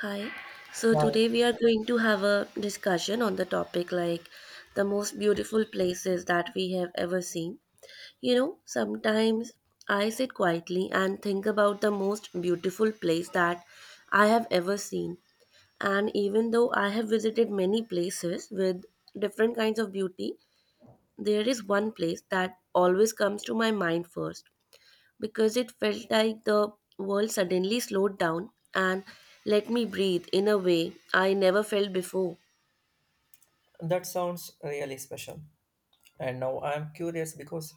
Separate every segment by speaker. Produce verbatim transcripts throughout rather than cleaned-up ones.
Speaker 1: Hi. So
Speaker 2: Wow,
Speaker 1: today we are going to have a discussion on the topic like the most beautiful places that we have ever seen. You know, sometimes I sit quietly and think about the most beautiful place that I have ever seen. And even though I have visited many places with different kinds of beauty, there is one place that always comes to my mind first because it felt like the world suddenly slowed down and let me breathe in a way I never felt before.
Speaker 2: that sounds really special. And now I'm curious because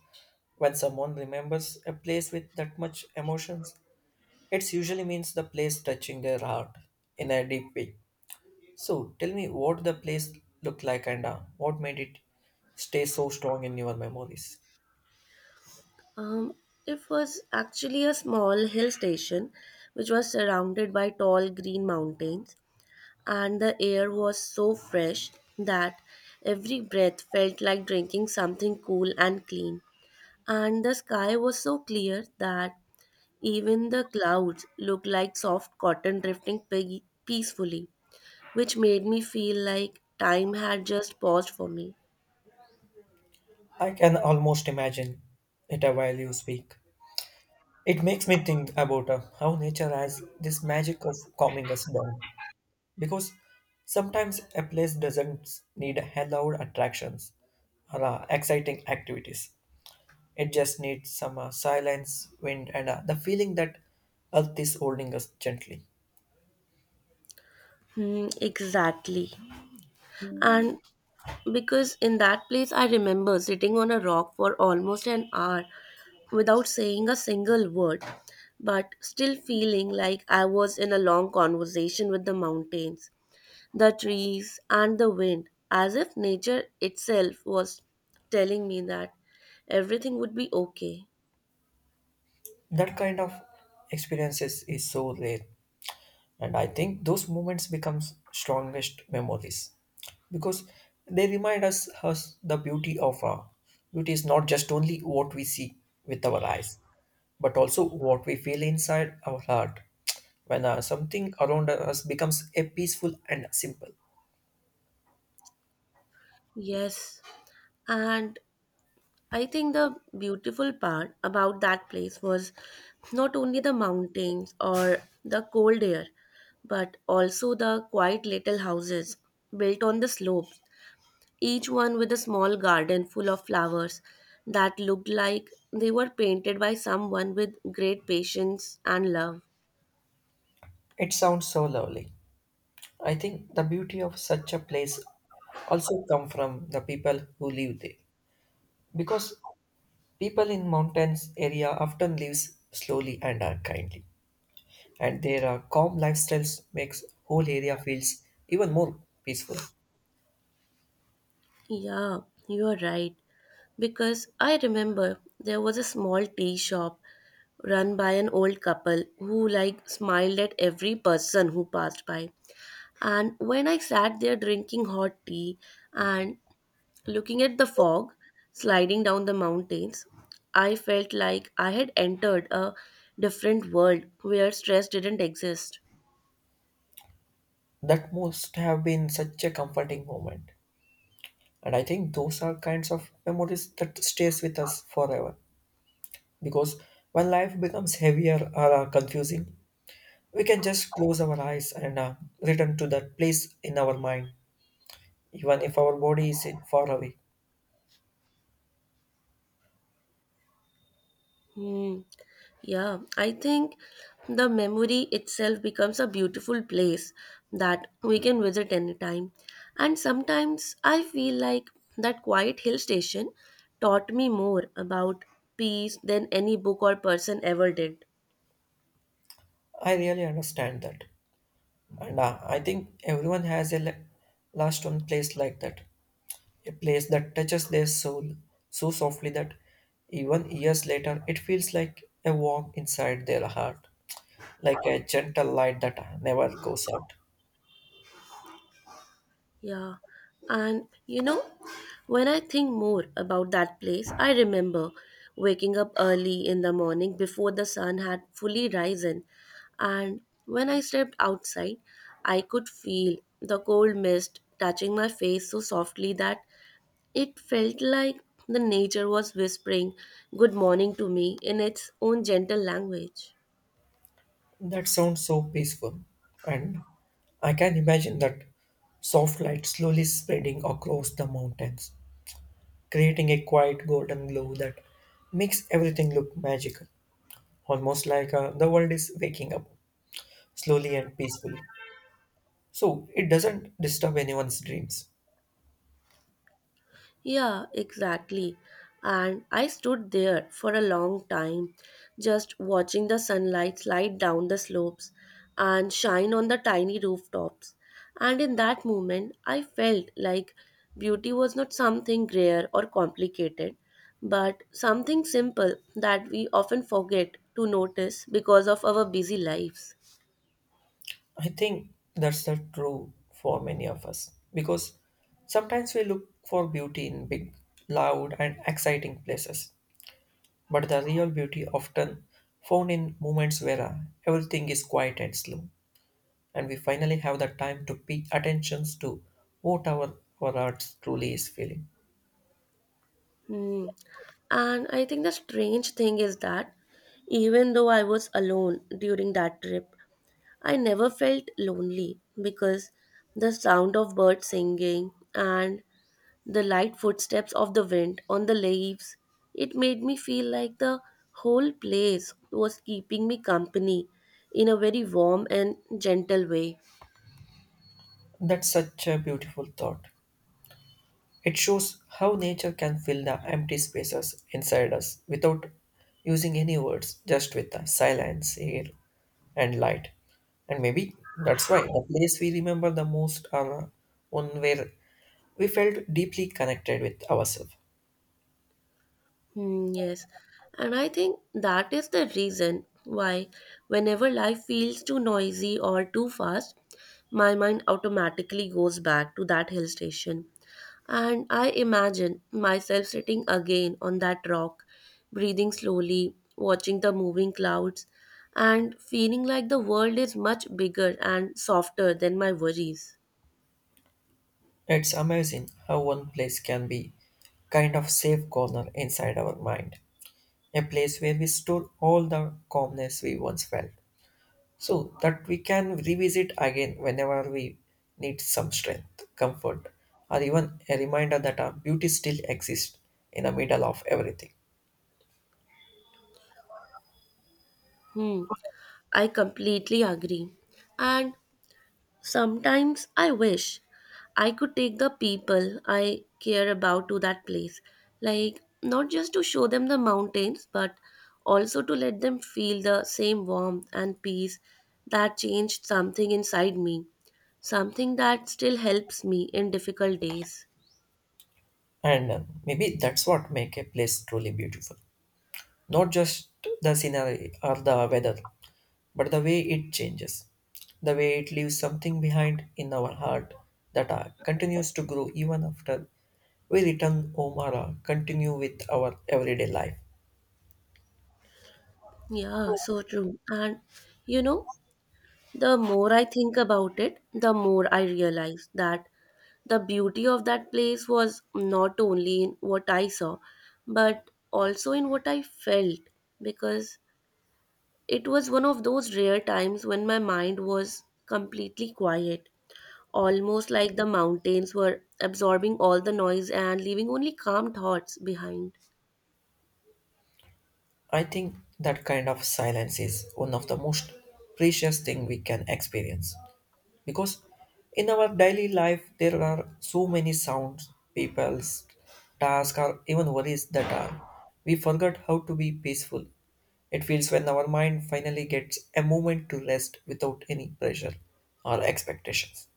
Speaker 2: when someone remembers a place with that much emotions, it usually means the place touching their heart in a deep way. So tell me what the place looked like and uh, what made it stay so strong in your memories.
Speaker 1: Um, it was actually a small hill station which was surrounded by tall green mountains, and the air was so fresh that every breath felt like drinking something cool and clean. And the sky was so clear that even the clouds looked like soft cotton drifting pe- peacefully, which made me feel like time had just paused for me.
Speaker 2: I can almost imagine it uh, while you speak. It makes me think about uh, how nature has this magic of calming us down. Because sometimes a place doesn't need a loud attractions or uh, exciting activities. It just needs some uh, silence, wind, and uh, the feeling that Earth is holding us gently.
Speaker 1: Hmm, exactly. And because in that place, I remember sitting on a rock for almost an hour without saying a single word, but still feeling like I was in a long conversation with the mountains, the trees, and the wind, as if nature itself was telling me that everything would be okay.
Speaker 2: That kind of experiences is so rare. And I think those moments becomes strongest memories because they remind us, us the beauty of our beauty is not just only what we see with our eyes but also what we feel inside our heart when uh, something around us becomes a peaceful and simple.
Speaker 1: Yes. And I think the beautiful part about that place was not only the mountains or the cold air, but also the quiet little houses built on the slopes, each one with a small garden full of flowers that looked like they were painted by someone with great patience and love.
Speaker 2: It sounds so lovely. I think the beauty of such a place also come from the people who live there because people in mountains area often lives slowly and uh, kindly and their uh, calm lifestyles makes whole area feels even more peaceful.
Speaker 1: Yeah, you are right. Because I remember there was a small tea shop run by an old couple who like smiled at every person who passed by. And when I sat there drinking hot tea and looking at the fog sliding down the mountains, I felt like I had entered a different world where stress didn't exist.
Speaker 2: That must have been such a comforting moment, and I think those are kinds of memories that stays with us forever because when life becomes heavier or uh, confusing, we can just close our eyes and uh, return to that place in our mind even if our body is in far away.
Speaker 1: Hmm. Yeah, I think the memory itself becomes a beautiful place that we can visit anytime. And sometimes I feel like that quiet hill station taught me more about peace than any book or person ever did.
Speaker 2: I really understand that, and uh, I think everyone has a le- last one place like that. A place that touches their soul so softly that even years later it feels like a walk inside their heart, like a gentle light that never goes out.
Speaker 1: Yeah, and you know, when I think more about that place, I remember waking up early in the morning before the sun had fully risen. And when I stepped outside, I could feel the cold mist touching my face so softly that it felt like the nature was whispering good morning to me in its own gentle language.
Speaker 2: That sounds so peaceful, and I can imagine that soft light slowly spreading across the mountains, creating a quiet golden glow that makes everything look magical, almost like uh, the world is waking up slowly and peacefully. So it doesn't disturb anyone's dreams.
Speaker 1: Yeah, exactly. And I stood there for a long time, just watching the sunlight slide down the slopes and shine on the tiny rooftops. And in that moment, I felt like beauty was not something rare or complicated, but something simple that we often forget to notice because of our busy lives.
Speaker 2: I think that's not true for many of us because sometimes we look for beauty in big, loud, and exciting places, but the real beauty often found in moments where uh, everything is quiet and slow, and we finally have the time to pay attentions to what our, our heart truly is feeling.
Speaker 1: Hmm. And I think the strange thing is that even though I was alone during that trip, I never felt lonely because the sound of birds singing and the light footsteps of the wind on the leaves, it made me feel like the whole place was keeping me company in a very warm and gentle way.
Speaker 2: That's such a beautiful thought. It shows how nature can fill the empty spaces inside us without using any words, just with the silence, air, and light. And maybe that's why the place we remember the most are one where we felt deeply connected with ourselves.
Speaker 1: Hmm, yes, and I think that is the reason why, whenever life feels too noisy or too fast, my mind automatically goes back to that hill station. And I imagine myself sitting again on that rock, breathing slowly, watching the moving clouds, and feeling like the world is much bigger and softer than my worries.
Speaker 2: It's amazing how one place can be kind of safe corner inside our mind, a place where we store all the calmness we once felt, so that we can revisit again whenever we need some strength, comfort, or even a reminder that our beauty still exists in the middle of everything.
Speaker 1: Hmm, I completely agree. And sometimes I wish I could take the people I care about to that place. Like, not just to show them the mountains, but also to let them feel the same warmth and peace that changed something inside me. Something that still helps me in difficult days.
Speaker 2: And uh, maybe that's what make a place truly beautiful. Not just the scenery or the weather, but the way it changes, the way it leaves something behind in our heart that uh, continues to grow even after we return home or uh, continue with our everyday life.
Speaker 1: Yeah, so true. And you know, the more I think about it, the more I realize that the beauty of that place was not only in what I saw, but also in what I felt, because it was one of those rare times when my mind was completely quiet, almost like the mountains were absorbing all the noise and leaving only calm thoughts behind.
Speaker 2: I think that kind of silence is one of the most precious thing we can experience. Because in our daily life there are so many sounds, people's tasks, or even worries, that are we forgot how to be peaceful it feels when our mind finally gets a moment to rest without any pressure or expectations.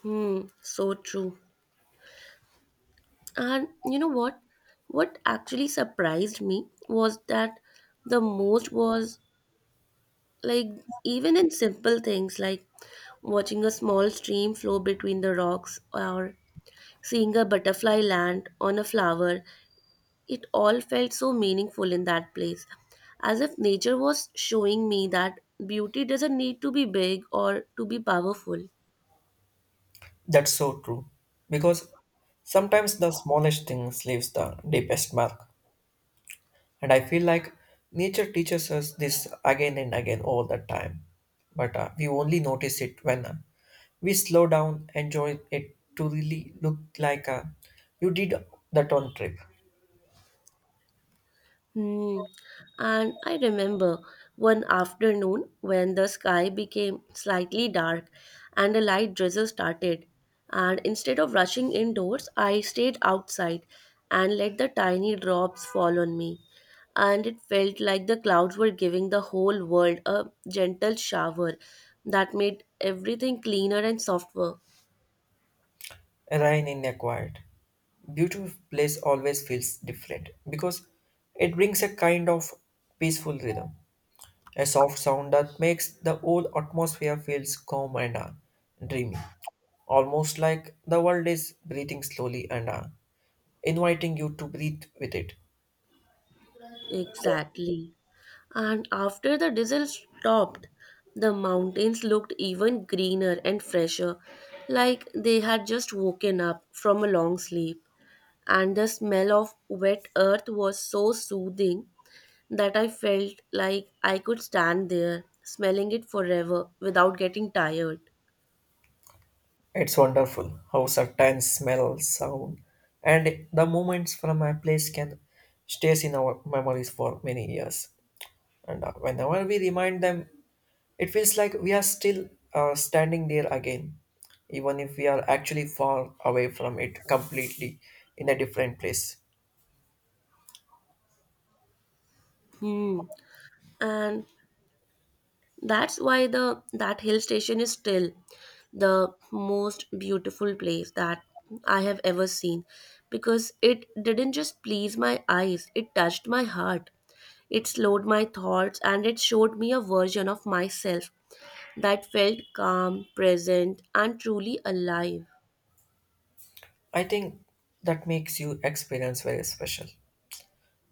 Speaker 1: Hmm, so true. And you know what? What actually surprised me was that the most was like even in simple things like watching a small stream flow between the rocks or seeing a butterfly land on a flower, it all felt so meaningful in that place. As if nature was showing me that beauty doesn't need to be big or to be powerful.
Speaker 2: That's so true because sometimes the smallest things leaves the deepest mark. And I feel like nature teaches us this again and again all the time. But uh, we only notice it when uh, we slow down, enjoy it to really look like uh, you did that on trip.
Speaker 1: Hmm. And I remember one afternoon when the sky became slightly dark and a light drizzle started. And instead of rushing indoors, I stayed outside and let the tiny drops fall on me. And it felt like the clouds were giving the whole world a gentle shower that made everything cleaner and softer.
Speaker 2: Rain in a quiet, beautiful place always feels different because it brings a kind of peaceful rhythm, a soft sound that makes the whole atmosphere feels calm and uh, dreamy, almost like the world is breathing slowly and uh, inviting you to breathe with it.
Speaker 1: Exactly. And after the diesel stopped, the mountains looked even greener and fresher, like they had just woken up from a long sleep. And the smell of wet earth was so soothing that I felt like I could stand there, smelling it forever without getting tired.
Speaker 2: It's wonderful how certain smells, sound, and the moments from a place can stays in our memories for many years. And uh, whenever we remind them, it feels like we are still uh, standing there again, even if we are actually far away from it completely in a different place.
Speaker 1: Hmm. And that's why the that hill station is still the most beautiful place that I have ever seen because it didn't just please my eyes, it touched my heart. It slowed my thoughts and it showed me a version of myself that felt calm, present, and truly alive.
Speaker 2: I think that makes you experience very special.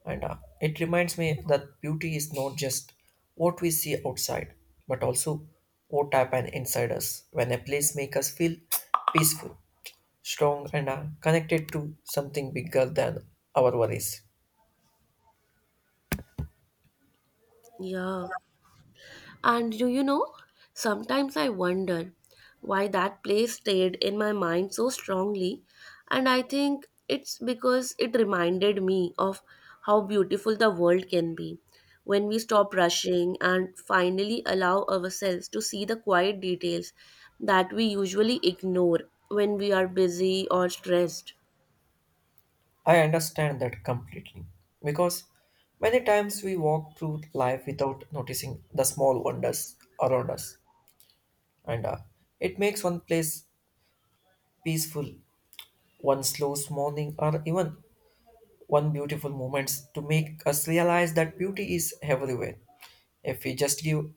Speaker 2: And uh, it reminds me that beauty is not just what we see outside, but also what happens inside us when a place makes us feel peaceful, strong, and uh, connected to something bigger than our worries.
Speaker 1: Yeah. And do you know, sometimes I wonder why that place stayed in my mind so strongly. And I think it's because it reminded me of how beautiful the world can be when we stop rushing and finally allow ourselves to see the quiet details that we usually ignore when we are busy or stressed.
Speaker 2: I understand that completely because many times we walk through life without noticing the small wonders around us, and uh, it makes one place peaceful, one slow morning, or even one beautiful moments to make us realize that beauty is everywhere. If we just give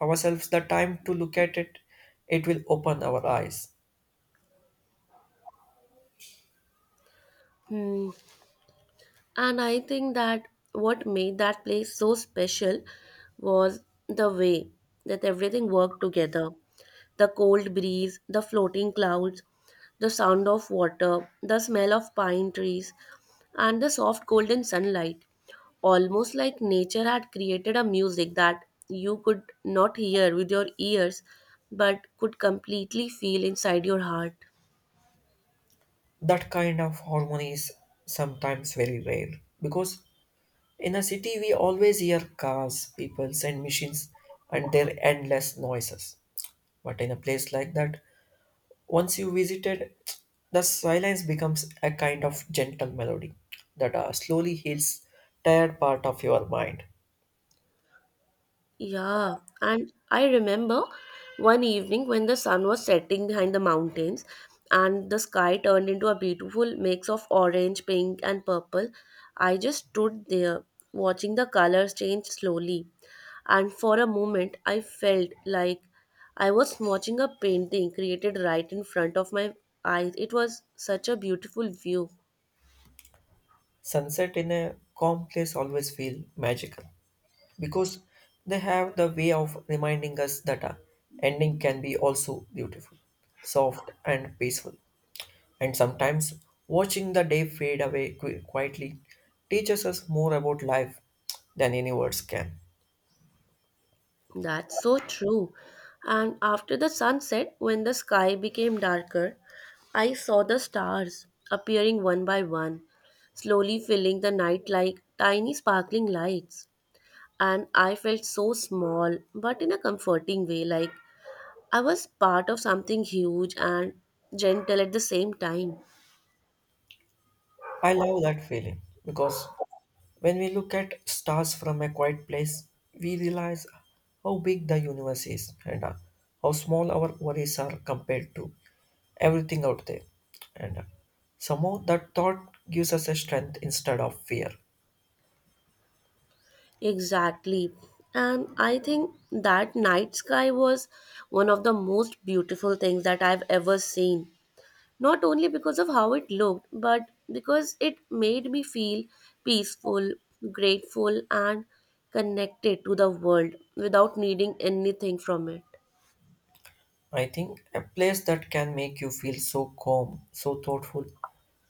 Speaker 2: ourselves the time to look at it, it will open our eyes.
Speaker 1: Hmm. And I think that what made that place so special was the way that everything worked together: the cold breeze, the floating clouds, the sound of water, the smell of pine trees, and the soft golden sunlight. Almost like nature had created a music that you could not hear with your ears but could completely feel inside your heart.
Speaker 2: That kind of harmony is sometimes very rare because in a city we always hear cars, peoples, and machines and their endless noises. But in a place like that, once you visited, the silence becomes a kind of gentle melody that uh, slowly heals tired part of your mind.
Speaker 1: Yeah, and I remember one evening when the sun was setting behind the mountains and the sky turned into a beautiful mix of orange, pink, and purple. I just stood there watching the colors change slowly, and for a moment I felt like I was watching a painting created right in front of my eyes. It was such a beautiful view.
Speaker 2: Sunset in a calm place always feel magical because they have the way of reminding us that a ending can be also beautiful, soft and peaceful. And sometimes watching the day fade away qui- quietly teaches us more about life than any words can.
Speaker 1: That's so true. And after the sunset, when the sky became darker, I saw the stars appearing one by one, slowly filling the night like tiny sparkling lights. And I felt so small, but in a comforting way, like I was part of something huge and gentle at the same time.
Speaker 2: I love that feeling because when we look at stars from a quiet place, we realize how big the universe is and uh, how small our worries are compared to everything out there. And uh, somehow that thought gives us a strength instead of fear.
Speaker 1: Exactly. And I think that night sky was one of the most beautiful things that I've ever seen, not only because of how it looked, but because it made me feel peaceful, grateful, and connected to the world without needing anything from it.
Speaker 2: I think a place that can make you feel so calm, so thoughtful,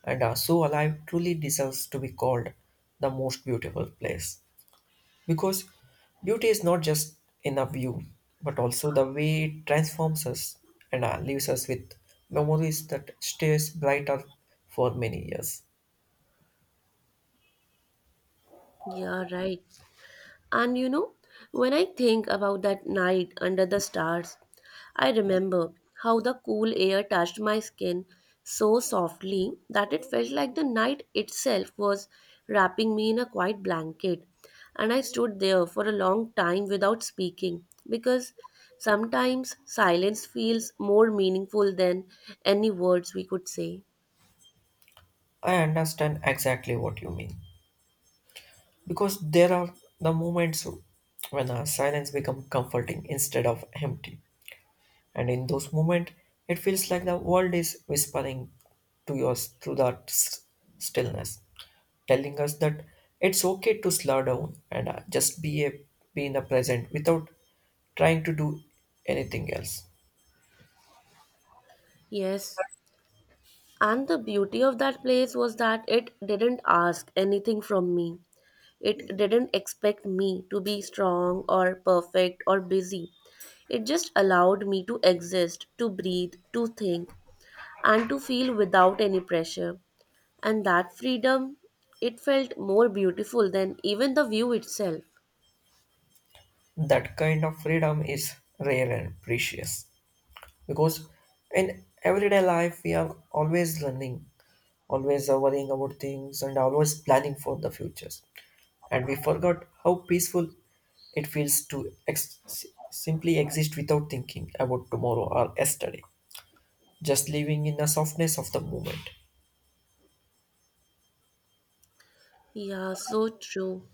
Speaker 2: and uh, so alive truly deserves to be called the most beautiful place. Because beauty is not just in a view, but also the way it transforms us and uh, leaves us with memories that stays brighter for many years.
Speaker 1: Yeah, right. And you know, when I think about that night under the stars, I remember how the cool air touched my skin so softly that it felt like the night itself was wrapping me in a quiet blanket. And I stood there for a long time without speaking because sometimes silence feels more meaningful than any words we could say.
Speaker 2: I understand exactly what you mean. Because there are the moments when our silence becomes comforting instead of empty. And in those moments, it feels like the world is whispering to yours through that s- stillness, telling us that it's okay to slow down and uh, just be a be in the present without trying to do anything else.
Speaker 1: Yes, and the beauty of that place was that it didn't ask anything from me. It didn't expect me to be strong or perfect or busy. It just allowed me to exist, to breathe, to think, and to feel without any pressure. And that freedom, it felt more beautiful than even the view itself.
Speaker 2: That kind of freedom is rare and precious because in everyday life we are always running, always uh, worrying about things and always planning for the futures. And we forgot how peaceful it feels to ex- simply exist without thinking about tomorrow or yesterday, just living in the softness of the moment.
Speaker 1: Yeah, so true.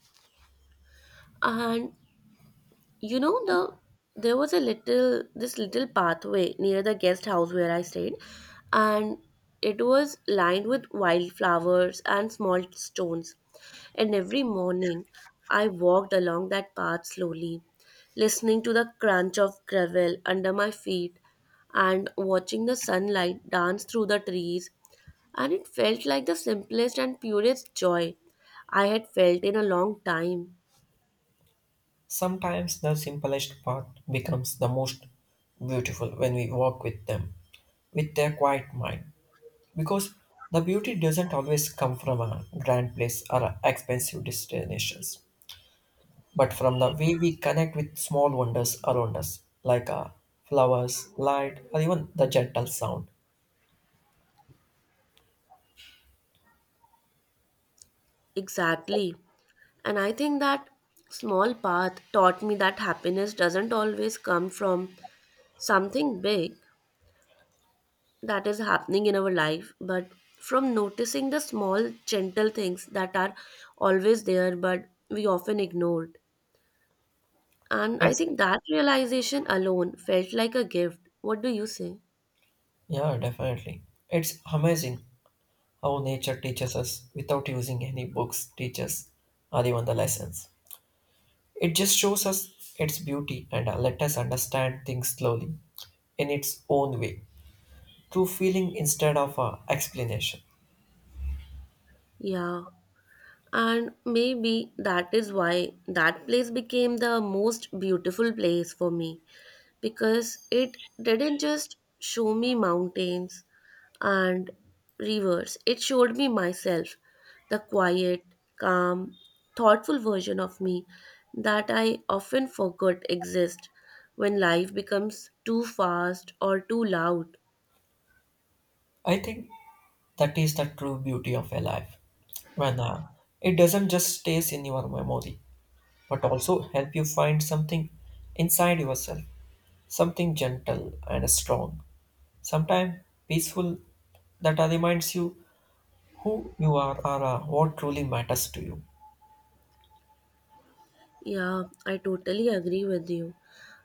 Speaker 1: And you know, the there was a little this little pathway near the guest house where I stayed, and it was lined with wildflowers and small stones, and every morning I walked along that path slowly, listening to the crunch of gravel under my feet and watching the sunlight dance through the trees, and it felt like the simplest and purest joy I had felt in a long time.
Speaker 2: Sometimes the simplest path becomes the most beautiful when we walk with them, with their quiet mind. Because the beauty doesn't always come from a grand place or expensive destinations, but from the way we connect with small wonders around us, like uh, flowers, light, or even the gentle sound.
Speaker 1: Exactly. And I think that small path taught me that happiness doesn't always come from something big that is happening in our life, but from noticing the small, gentle things that are always there but we often ignored. And I
Speaker 2: It's,
Speaker 1: think that realization alone felt like a gift. What do you say?
Speaker 2: yeah, definitely. It's amazing how nature teaches us without using any books, teachers, or even the lessons. It just shows us its beauty and uh, let us understand things slowly in its own way, through feeling instead of uh, explanation.
Speaker 1: Yeah. And maybe that is why that place became the most beautiful place for me, because it didn't just show me mountains and rivers, it showed me myself, the quiet, calm, thoughtful version of me that I often forgot exist when life becomes too fast or too loud.
Speaker 2: I think that is the true beauty of a life when uh, it doesn't just stays in your memory but also help you find something inside yourself, something gentle and strong, sometimes peaceful, that uh, reminds you who you are or uh, what truly matters to you.
Speaker 1: Yeah, I totally agree with you.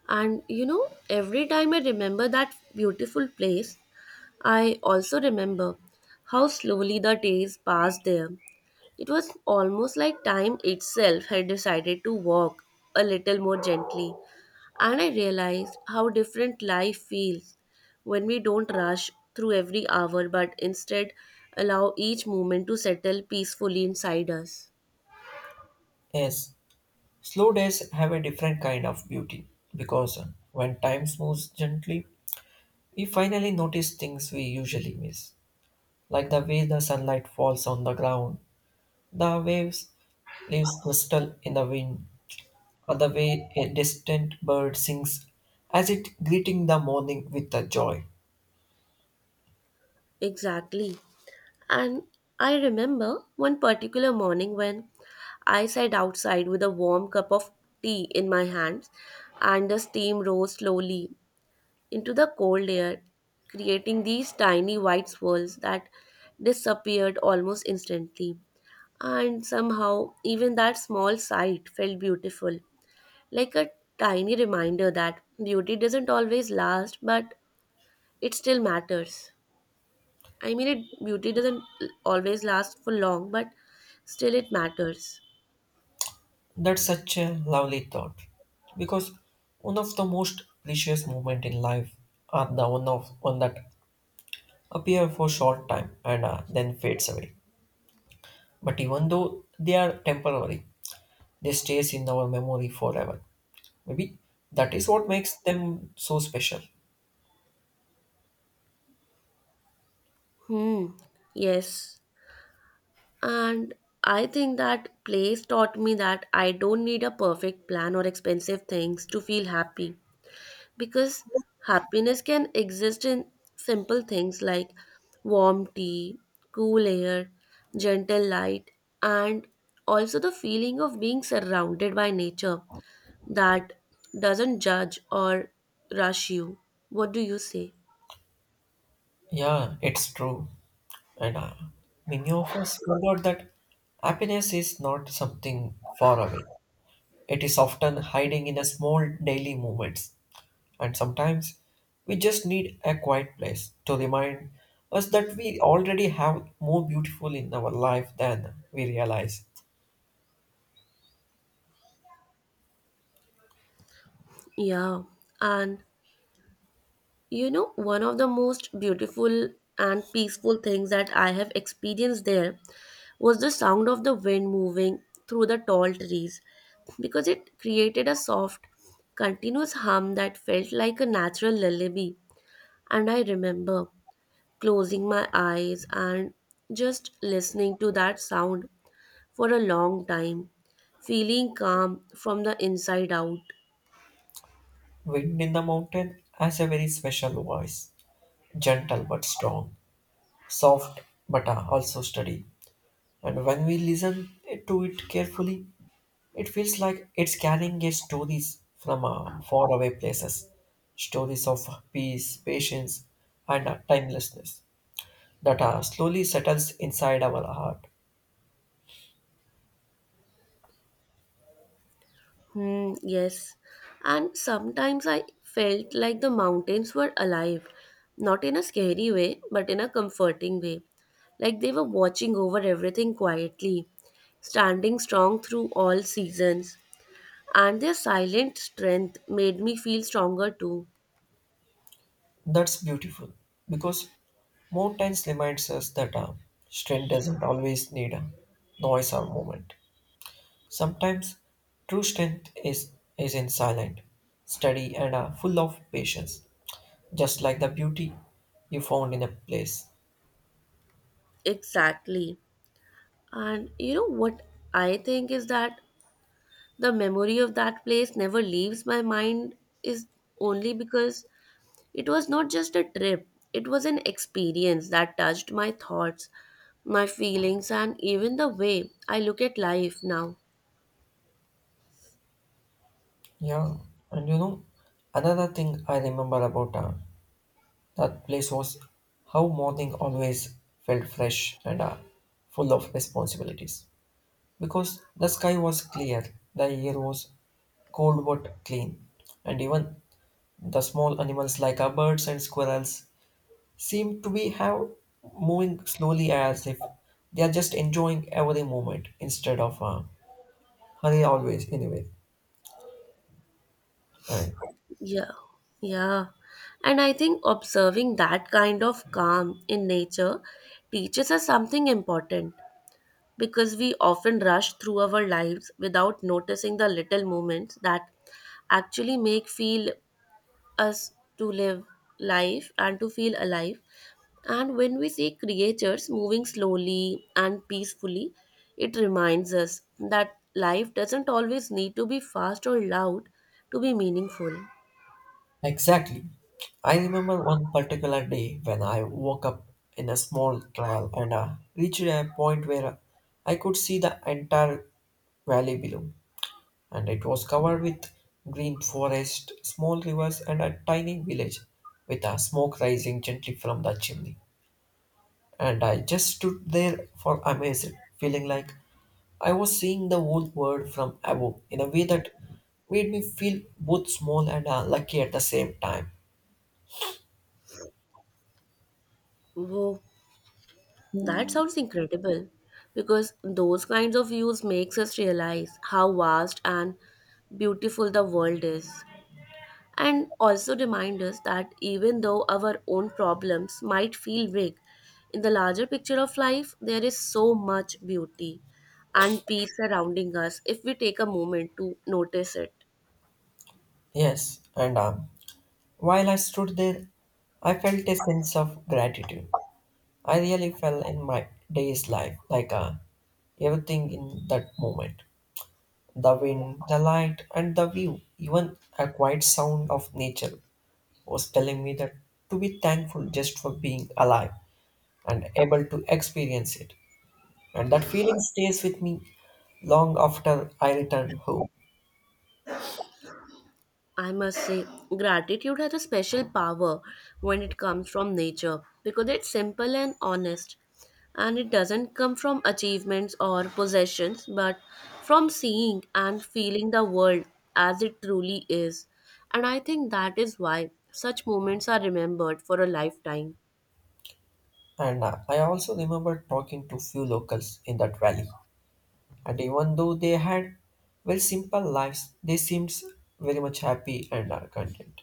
Speaker 1: And you know, every time I remember that beautiful place, I also remember how slowly the days passed there. It was almost like time itself had decided to walk a little more gently. And I realized how different life feels when we don't rush through every hour but instead allow each moment to settle peacefully inside us.
Speaker 2: Yes, slow days have a different kind of beauty because when time moves gently, we finally notice things we usually miss, like the way the sunlight falls on the ground, the waves leaves crystal in the wind, or the way a distant bird sings as it greeting the morning with a joy.
Speaker 1: Exactly. And I remember one particular morning when I sat outside with a warm cup of tea in my hands, and the steam rose slowly into the cold air, creating these tiny white swirls that disappeared almost instantly. And somehow, even that small sight felt beautiful, like a tiny reminder that beauty doesn't always last, but it still matters. I mean, it beauty doesn't always last for long, but still it matters.
Speaker 2: That's such a lovely thought because one of the most precious moments in life are the one of one that appear for short time and uh, then fades away. But even though they are temporary, they stays in our memory forever. Maybe that is what makes them so special.
Speaker 1: Hmm. Yes. And I think that place taught me that I don't need a perfect plan or expensive things to feel happy because happiness can exist in simple things like warm tea, cool air, gentle light, and also the feeling of being surrounded by nature that doesn't judge or rush you. What do you say?
Speaker 2: Yeah, it's true. And uh, many of us forgot that happiness is not something far away. It is often hiding in a small daily moments. And sometimes we just need a quiet place to remind us that we already have more beautiful in our life than we realize.
Speaker 1: Yeah, and you know, one of the most beautiful and peaceful things that I have experienced there was the sound of the wind moving through the tall trees because it created a soft, continuous hum that felt like a natural lullaby. And I remember closing my eyes and just listening to that sound for a long time, feeling calm from the inside out.
Speaker 2: Wind in the mountain has a very special voice. Gentle but strong, soft but uh, also steady. And when we listen to it carefully, it feels like it's carrying a stories from uh, faraway places, stories of peace, patience, and uh, timelessness that uh, slowly settles inside our heart.
Speaker 1: Hmm, yes. And sometimes I felt like the mountains were alive, not in a scary way, but in a comforting way. Like they were watching over everything quietly, standing strong through all seasons. And their silent strength made me feel stronger too.
Speaker 2: That's beautiful because mountains reminds us that uh, strength doesn't always need uh, noise or movement. Sometimes true strength is, is in silent, steady, and uh, full of patience, just like the beauty you found in a place.
Speaker 1: Exactly. And you know what I think is that the memory of that place never leaves my mind is only because it was not just a trip, it was an experience that touched my thoughts, my feelings, and even the way I look at life now.
Speaker 2: Yeah, and you know, another thing I remember about uh, that place was how morning always felt fresh and uh, full of responsibilities. Because the sky was clear, the air was cold but clean, and even the small animals like uh, birds and squirrels seem to be have moving slowly as if they are just enjoying every moment instead of uh, hurry always anyway and
Speaker 1: Yeah, yeah. And I think observing that kind of calm in nature teaches us something important because we often rush through our lives without noticing the little moments that actually make feel us to live life and to feel alive. And when we see creatures moving slowly and peacefully, it reminds us that life doesn't always need to be fast or loud to be meaningful.
Speaker 2: exactly. I remember one particular day when I woke up in a small trial and uh, reached a point where I could see the entire valley below, and it was covered with green forest, small rivers, and a tiny village with a smoke rising gently from the chimney. And I just stood there for amazed, feeling like I was seeing the whole world from above in a way that made me feel both small and uh, lucky at the same time.
Speaker 1: Whoa, that sounds incredible because those kinds of views makes us realize how vast and beautiful the world is, and also remind us that even though our own problems might feel big, in the larger picture of life, there is so much beauty and peace surrounding us if we take a moment to notice it.
Speaker 2: Yes, and um, while I stood there, I felt a sense of gratitude. I really felt in my day's life, like uh, everything in that moment, the wind, the light, and the view, even a quiet sound of nature was telling me that to be thankful just for being alive and able to experience it. And that feeling stays with me long after I return home.
Speaker 1: I must say, gratitude has a special power when it comes from nature because it's simple and honest. And it doesn't come from achievements or possessions, but from seeing and feeling the world as it truly is. And I think that is why such moments are remembered for a lifetime.
Speaker 2: And uh, I also remember talking to few locals in that valley. And even though they had very simple lives, they seemed very much happy and are content.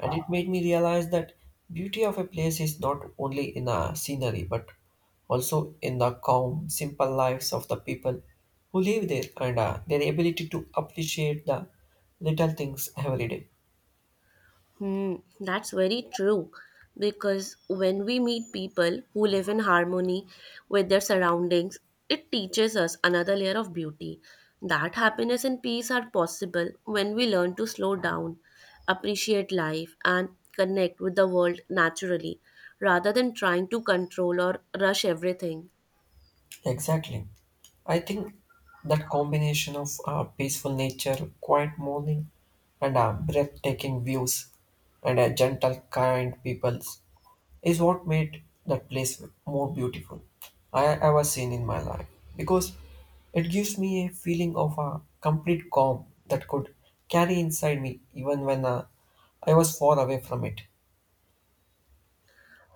Speaker 2: And it made me realize that beauty of a place is not only in the scenery, but also in the calm, simple lives of the people who live there and uh, their ability to appreciate the little things every day.
Speaker 1: Hmm, that's very true. Because when we meet people who live in harmony with their surroundings, it teaches us another layer of beauty. That happiness and peace are possible when we learn to slow down, appreciate life, and connect with the world naturally, rather than trying to control or rush everything.
Speaker 2: Exactly. I think that combination of uh, peaceful nature, quiet morning, and uh, breathtaking views, and a gentle, kind people is what made that place more beautiful I have ever seen in my life. Because it gives me a feeling of a complete calm that could carry inside me even when uh, I was far away from it.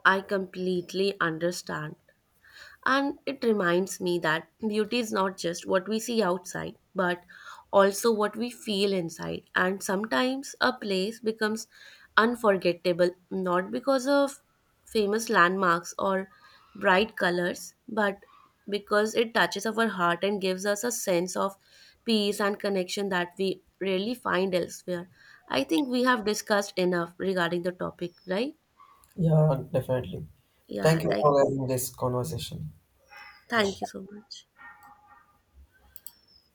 Speaker 1: I completely understand. And it reminds me that beauty is not just what we see outside, but also what we feel inside. And sometimes a place becomes unforgettable not because of famous landmarks or bright colors, but because it touches our heart and gives us a sense of peace and connection that we rarely find elsewhere. I think we have discussed enough regarding the topic, right?
Speaker 2: Yeah, definitely.
Speaker 1: Yeah,
Speaker 2: Thank you
Speaker 1: I
Speaker 2: for having this conversation.
Speaker 1: thank you so much.